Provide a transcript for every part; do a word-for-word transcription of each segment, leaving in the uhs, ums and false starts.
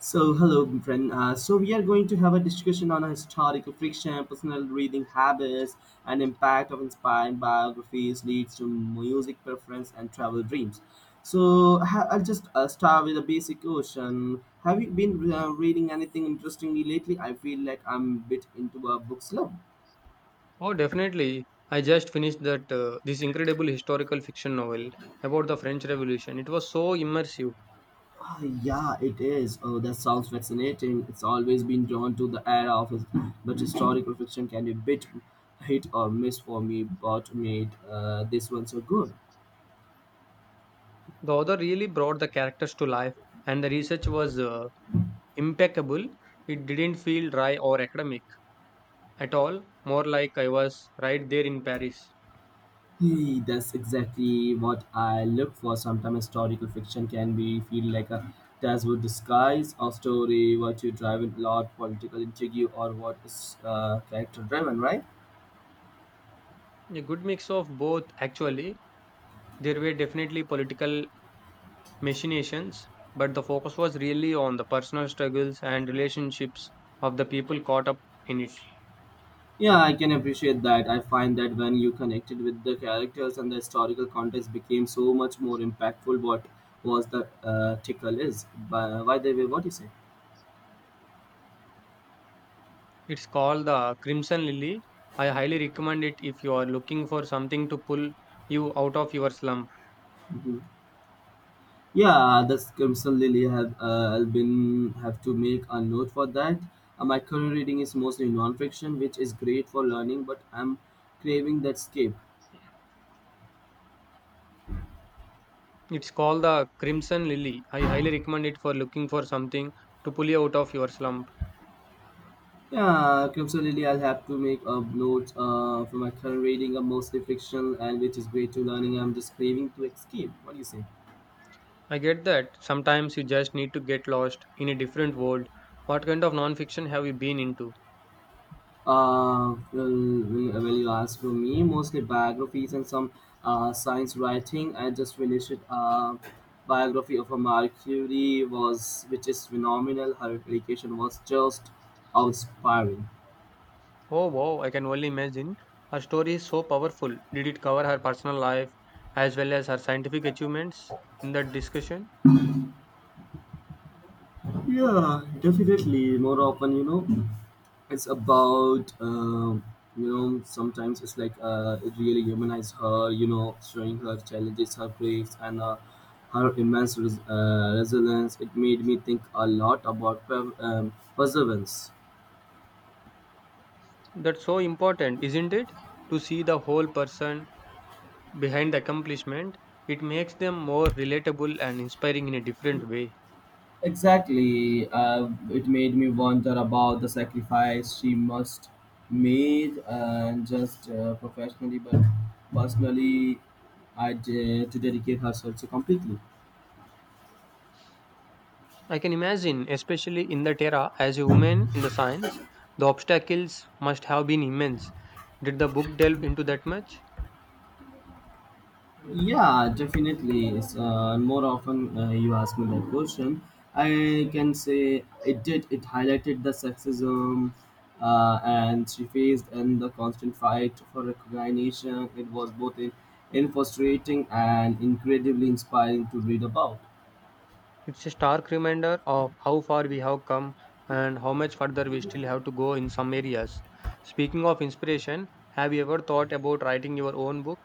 So, hello, my friend. Uh, so, we are going to have a discussion on historical fiction, personal reading habits, and impact of inspiring biographies leads to music preference and travel dreams. So, ha- I'll just uh, start with a basic question. Have you been uh, reading anything interestingly lately? I feel like I'm a bit into a book slump. Oh, definitely. I just finished that uh, this incredible historical fiction novel about the French Revolution. It was so immersive. Ah, yeah, it is. Oh, that sounds fascinating. It's always been drawn to the era of his, but historical fiction can be a bit hit or miss for me. But made uh, this one so good. The author really brought the characters to life, and the research was uh, impeccable. It didn't feel dry or academic at all, more like I was right there in Paris. Hey, that's exactly what I look for. Sometimes historical fiction can be feel like a textbook disguise or story, what you drive in a lot, political intrigue, or what is uh, character driven, right? A good mix of both, actually. There were definitely political machinations, but the focus was really on the personal struggles and relationships of the people caught up in it. Yeah, I can appreciate that. I find that when you connected with the characters and the historical context became so much more impactful what was the uh, tickle is. By, by the way, what do you say? It's called the Crimson Lily. I highly recommend it if you are looking for something to pull you out of your slump. Hmm. Yeah, that's Crimson Lily have uh, been have to make a note for that. Uh, my current reading is mostly non-fiction, which is great for learning, but I'm craving that escape. It's called the Crimson Lily. I highly recommend it for looking for something to pull you out of your slump. Yeah, Crimson Lily, I'll have to make a note uh, for my current reading a mostly fictional and which is great to learning. I'm just craving to escape. What do you say? I get that. Sometimes you just need to get lost in a different world. What kind of non-fiction have you been into? Uh, well, well, well, you ask for me mostly biographies and some uh, science writing. I just finished a biography of a Mercury was which is phenomenal. Her dedication was just inspiring. Oh wow, I can only imagine. Her story is so powerful. Did it cover her personal life as well as her scientific achievements in that discussion? Yeah, definitely. More often, you know, it's about um, you know sometimes it's like uh, it really humanizes her you know showing her challenges, her griefs and uh, her immense res- uh, resilience. It made me think a lot about per- um, perseverance. That's so important, isn't it? To see the whole person behind the accomplishment, it makes them more relatable and inspiring in a different way. Exactly. Uh, it made me wonder about the sacrifice she must made, and just uh, professionally, but personally, I de- to dedicate herself so completely. I can imagine, especially in that era, as a woman in the science, the obstacles must have been immense. Did the book delve into that much? Yeah, definitely. It's, uh, more often uh, you ask me that question, I can say it did. It highlighted the sexism uh, and she faced and the constant fight for recognition. It was both in, in frustrating and incredibly inspiring to read about. It's a stark reminder of how far we have come and how much further we still have to go in some areas. Speaking of inspiration, have you ever thought about writing your own book?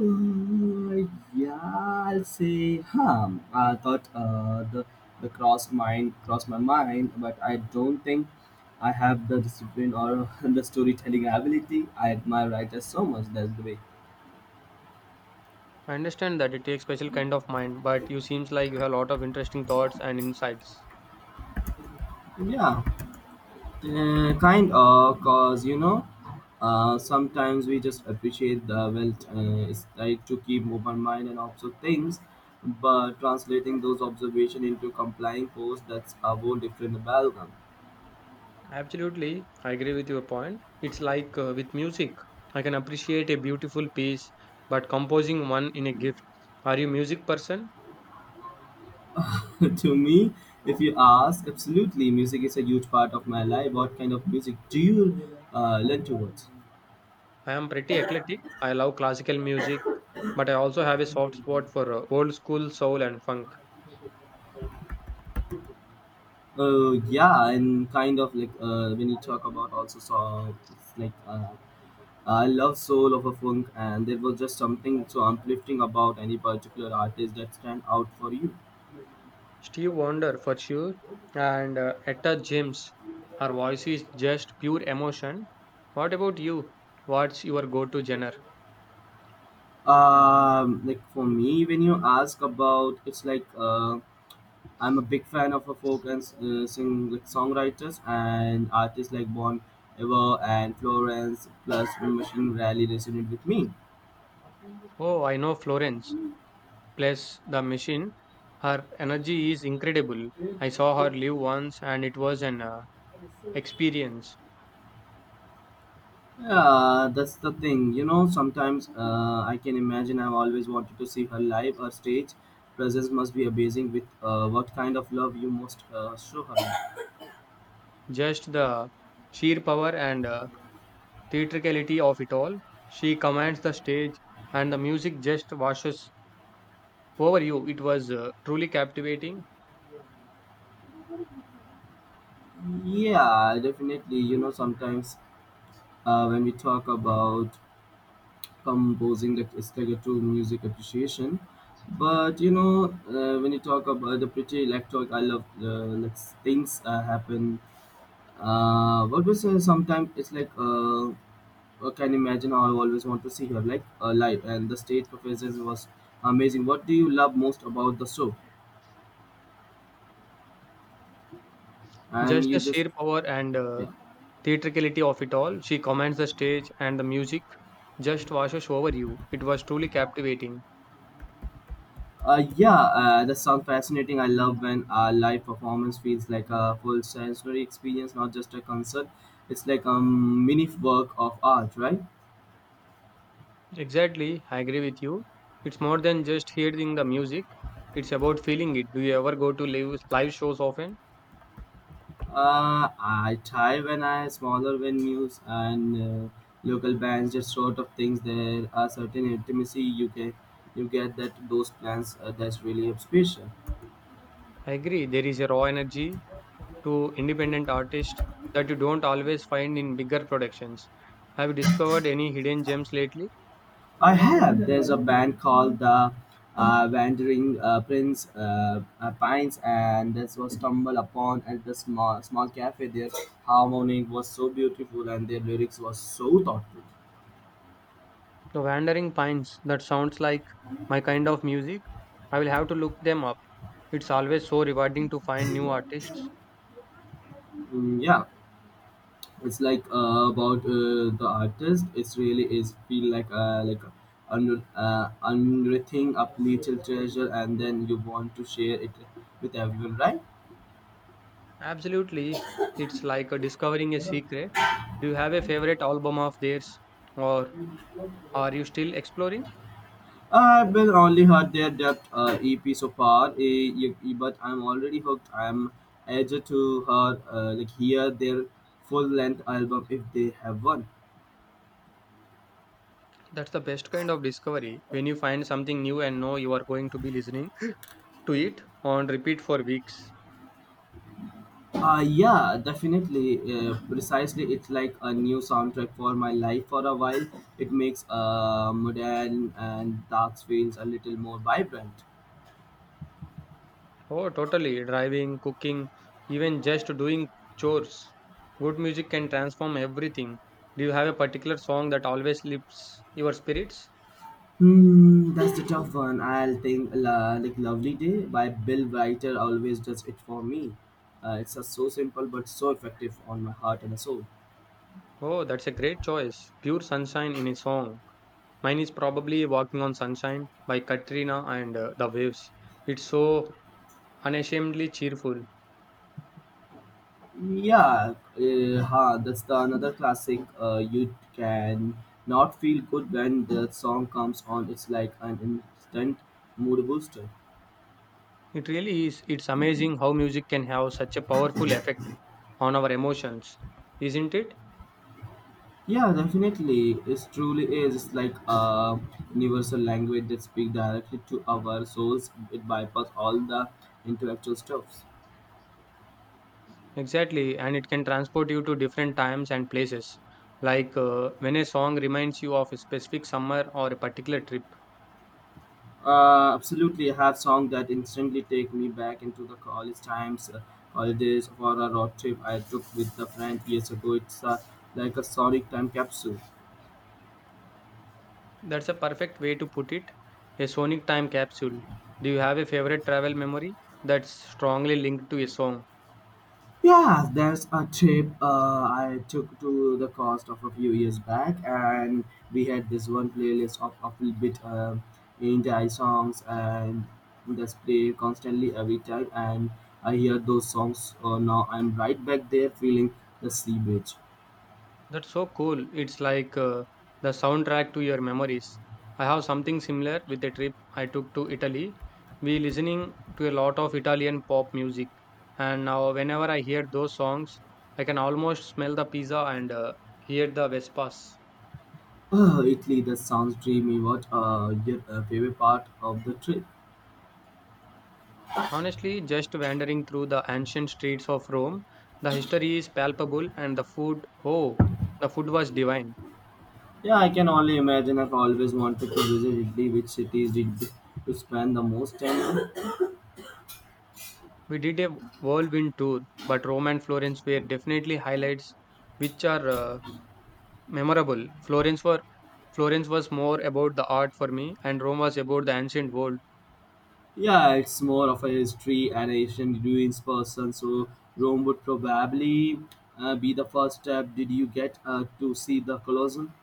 Uh, yeah, I'll say, huh. I thought uh, the the cross mind crossed my mind, but I don't think I have the discipline or the storytelling ability. I admire writers so much that way. I understand that it takes special kind of mind, but you seems like you have a lot of interesting thoughts and insights. Yeah, uh, kind of, cause you know, uh, sometimes we just appreciate the wealth. Uh, it's like to keep open mind and observe things, but translating those observation into complying posts, that's a whole different amalgam. Absolutely, I agree with your point. It's like uh, with music. I can appreciate a beautiful piece, but composing one in a gift. Are you music person? To me, if you ask, absolutely, music is a huge part of my life. What kind of music do you uh, lean towards? I am pretty eclectic. I love classical music, but I also have a soft spot for uh, old school soul and funk. Uh, yeah, and kind of like uh, when you talk about also song, like uh, I love soul of a funk, and there was just something so uplifting about any particular artist that stand out for you. Steve Wonder for sure, and uh, Etta James. Her voice is just pure emotion. What about you? What's your go-to genre? Um, like for me, when you ask about, it's like. Uh, I'm a big fan of a folk and uh, sing like songwriters and artists like Bon Iver and Florence plus Machine really resonate with me. Oh, I know Florence. Plus, the machine. Her energy is incredible. I saw her live once and it was an uh, experience. Yeah, that's the thing. You know, sometimes uh, I can imagine I've always wanted to see her live. Her stage presence must be amazing with uh, what kind of love you must uh, show her. Just the sheer power and uh, theatricality of it all. She commands the stage and the music just washes over you. It was uh, truly captivating. Yeah, definitely. You know, sometimes uh, when we talk about composing that is connected to music appreciation. But you know, uh, when you talk about the pretty electric, I love uh, like things uh, happen. Uh, what we say sometimes it's like uh, I can imagine how I always want to see her like uh, live, and the stage performance was amazing. What do you love most about the show? And Just you the just sheer power and uh, yeah. theatricality of it all. She commands the stage and the music just washes over you. It was truly captivating. Uh, yeah, uh, that sounds fascinating. I love when a live performance feels like a full sensory experience, not just a concert. It's like a mini work of art, right? Exactly, I agree with you. It's more than just hearing the music, it's about feeling it. Do you ever go to live, live shows often? Uh, I try when I smaller venues and uh, local bands, just sort of things. There are certain intimacy you can, you get that those plans uh, that's really special. I agree, there is a raw energy to independent artists that you don't always find in bigger productions. Have you discovered any hidden gems lately? I have. There's a The band called the uh, Wandering uh, Prince uh, uh, Pines, and this was stumbled upon at the small small cafe. Their harmony was so beautiful, and their lyrics was so thoughtful. Wandering Pines, that sounds like my kind of music. I will have to look them up. It's always so rewarding to find new artists. Mm, yeah, it's like uh, about uh, the artist. It's really is feel like uh, like under uh, unearthing a little treasure, and then you want to share it with everyone, right? Absolutely. It's like a discovering a secret. Do you have a favorite album of theirs or are you still exploring? I've been only heard their depth uh, E P so far, eh, y- y- but I'm already hooked. I'm edged to her uh, like hear their full length album if they have one. That's the best kind of discovery when you find something new and know you are going to be listening to it on repeat for weeks. Uh, yeah, definitely. Uh, precisely, it's like a new soundtrack for my life for a while. It makes uh, modern and dark feels a little more vibrant. Oh, totally. Driving, cooking, even just doing chores. Good music can transform everything. Do you have a particular song that always lifts your spirits? Hmm, that's the tough one. I'll think la, like "Lovely Day" by Bill Writer always does it for me. Uh, it's a, so simple but so effective on my heart and soul. Oh, that's a great choice. Pure sunshine in a song. Mine is probably Walking on Sunshine by Katrina and uh, the Waves. It's so unashamedly cheerful. Yeah, uh, huh, that's the another classic. Uh, you can not feel good when the song comes on. It's like an instant mood booster. It really is. It's amazing how music can have such a powerful effect on our emotions, isn't it? Yeah, definitely, it truly is. It's like a universal language that speaks directly to our souls. It bypasses all the intellectual stuffs. Exactly, and it can transport you to different times and places. Like uh, when a song reminds you of a specific summer or a particular trip. Uh, absolutely, I have songs that instantly take me back into the college times, uh, holidays, or a road trip I took with the friend years ago. It's uh, like a sonic time capsule. That's a perfect way to put it. A sonic time capsule. Do you have a favorite travel memory that's strongly linked to a song? Yeah, there's a trip uh, I took to the coast of a few years back, and we had this one playlist of a little bit um, indie songs, and that's play constantly every time. And I hear those songs, uh, now I'm right back there feeling the sea beach. That's so cool. It's like uh, the soundtrack to your memories. I have something similar with a trip I took to Italy. We listening to a lot of Italian pop music, and now whenever I hear those songs, I can almost smell the pizza and uh, hear the Vespas. Oh, Italy, that sounds dreamy. What uh, your uh, favorite part of the trip? Honestly, just wandering through the ancient streets of Rome, the history is palpable, and the food, oh, the food was divine. Yeah, I can only imagine. I've always wanted to visit Italy. Which cities did you spend the most time in? We did a whirlwind tour, but Rome and Florence were definitely highlights, which are uh, Memorable. Florence were Florence was more about the art for me, and Rome was about the ancient world. Yeah, it's more of a history and ancient ruins person, so Rome would probably uh, be the first step. Did you get uh, to see the Colosseum?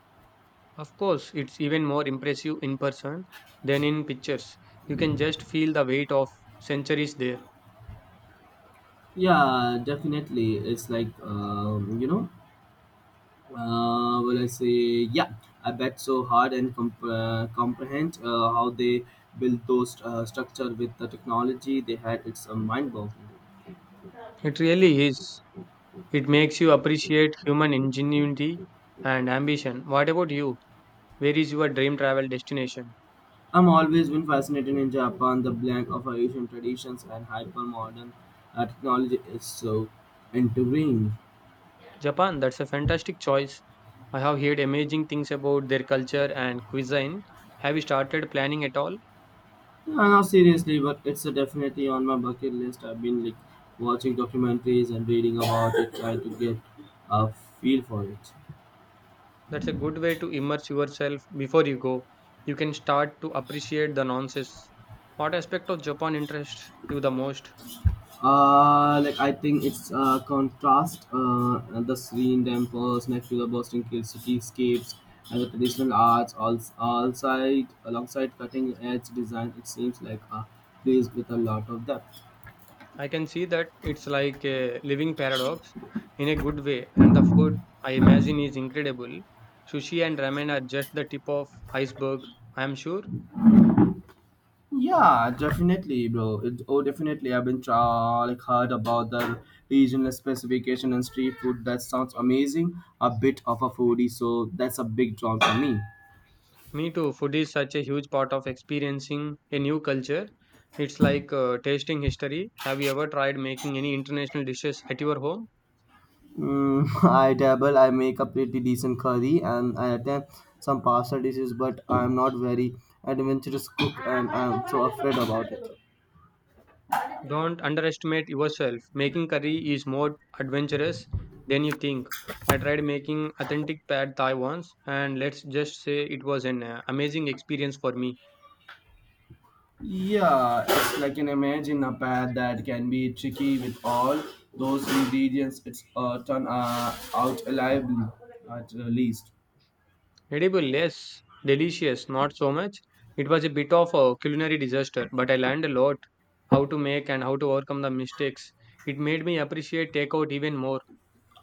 Of course, it's even more impressive in person than in pictures. You can just feel the weight of centuries there. Yeah, definitely. It's like um, you know, uh, will I say, yeah, I bet so hard and comp- uh, comprehend uh, how they built those uh, structure with the technology they had. It's a mind boggling. It really is. It makes you appreciate human ingenuity and ambition. What about you? Where is your dream travel destination? I'm always been fascinated in Japan. The blend of Asian traditions and hyper modern uh, technology is so intriguing. Japan, that's a fantastic choice. I have heard amazing things about their culture and cuisine. Have you started planning at all? No, no, seriously, but it's uh, definitely on my bucket list. I've been like watching documentaries and reading about it, trying to get a feel for it. That's a good way to immerse yourself before you go. You can start to appreciate the nonsense. What aspect of Japan interests you the most? Uh, like I think it's uh, contrast uh, the serene temples next to the Boston Hill cityscapes and the traditional arts all, all side alongside cutting edge design. It seems like a place with a lot of depth. I can see that it's like a living paradox in a good way, and the food I imagine is incredible. Sushi and ramen are just the tip of iceberg, I am sure. Yeah, definitely, bro. It, oh, definitely. I've been tra- like heard about the regional specification and street food. That sounds amazing. A bit of a foodie, so that's a big draw for me. Me too, food is such a huge part of experiencing a new culture. It's like uh, tasting history. Have you ever tried making any international dishes at your home? Mm, I dabble, I make a pretty decent curry and I attempt some pasta dishes, but I'm not very adventurous cook and I'm so afraid about it. Don't underestimate yourself. Making curry is more adventurous than you think. I tried making authentic pad thai once, and let's just say it was an uh, amazing experience for me. Yeah, it's like an imagine a pad that can be tricky with all those ingredients. It's uh, turn uh, out lively at uh, least. Edible, yes, delicious, not so much. It was a bit of a culinary disaster, but I learned a lot how to make and how to overcome the mistakes. It made me appreciate takeout even more.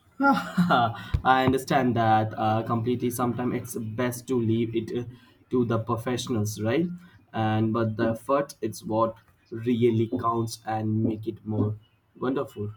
I understand that uh, completely. Sometimes it's best to leave it uh, to the professionals, right? And but the effort it's what really counts and make it more wonderful.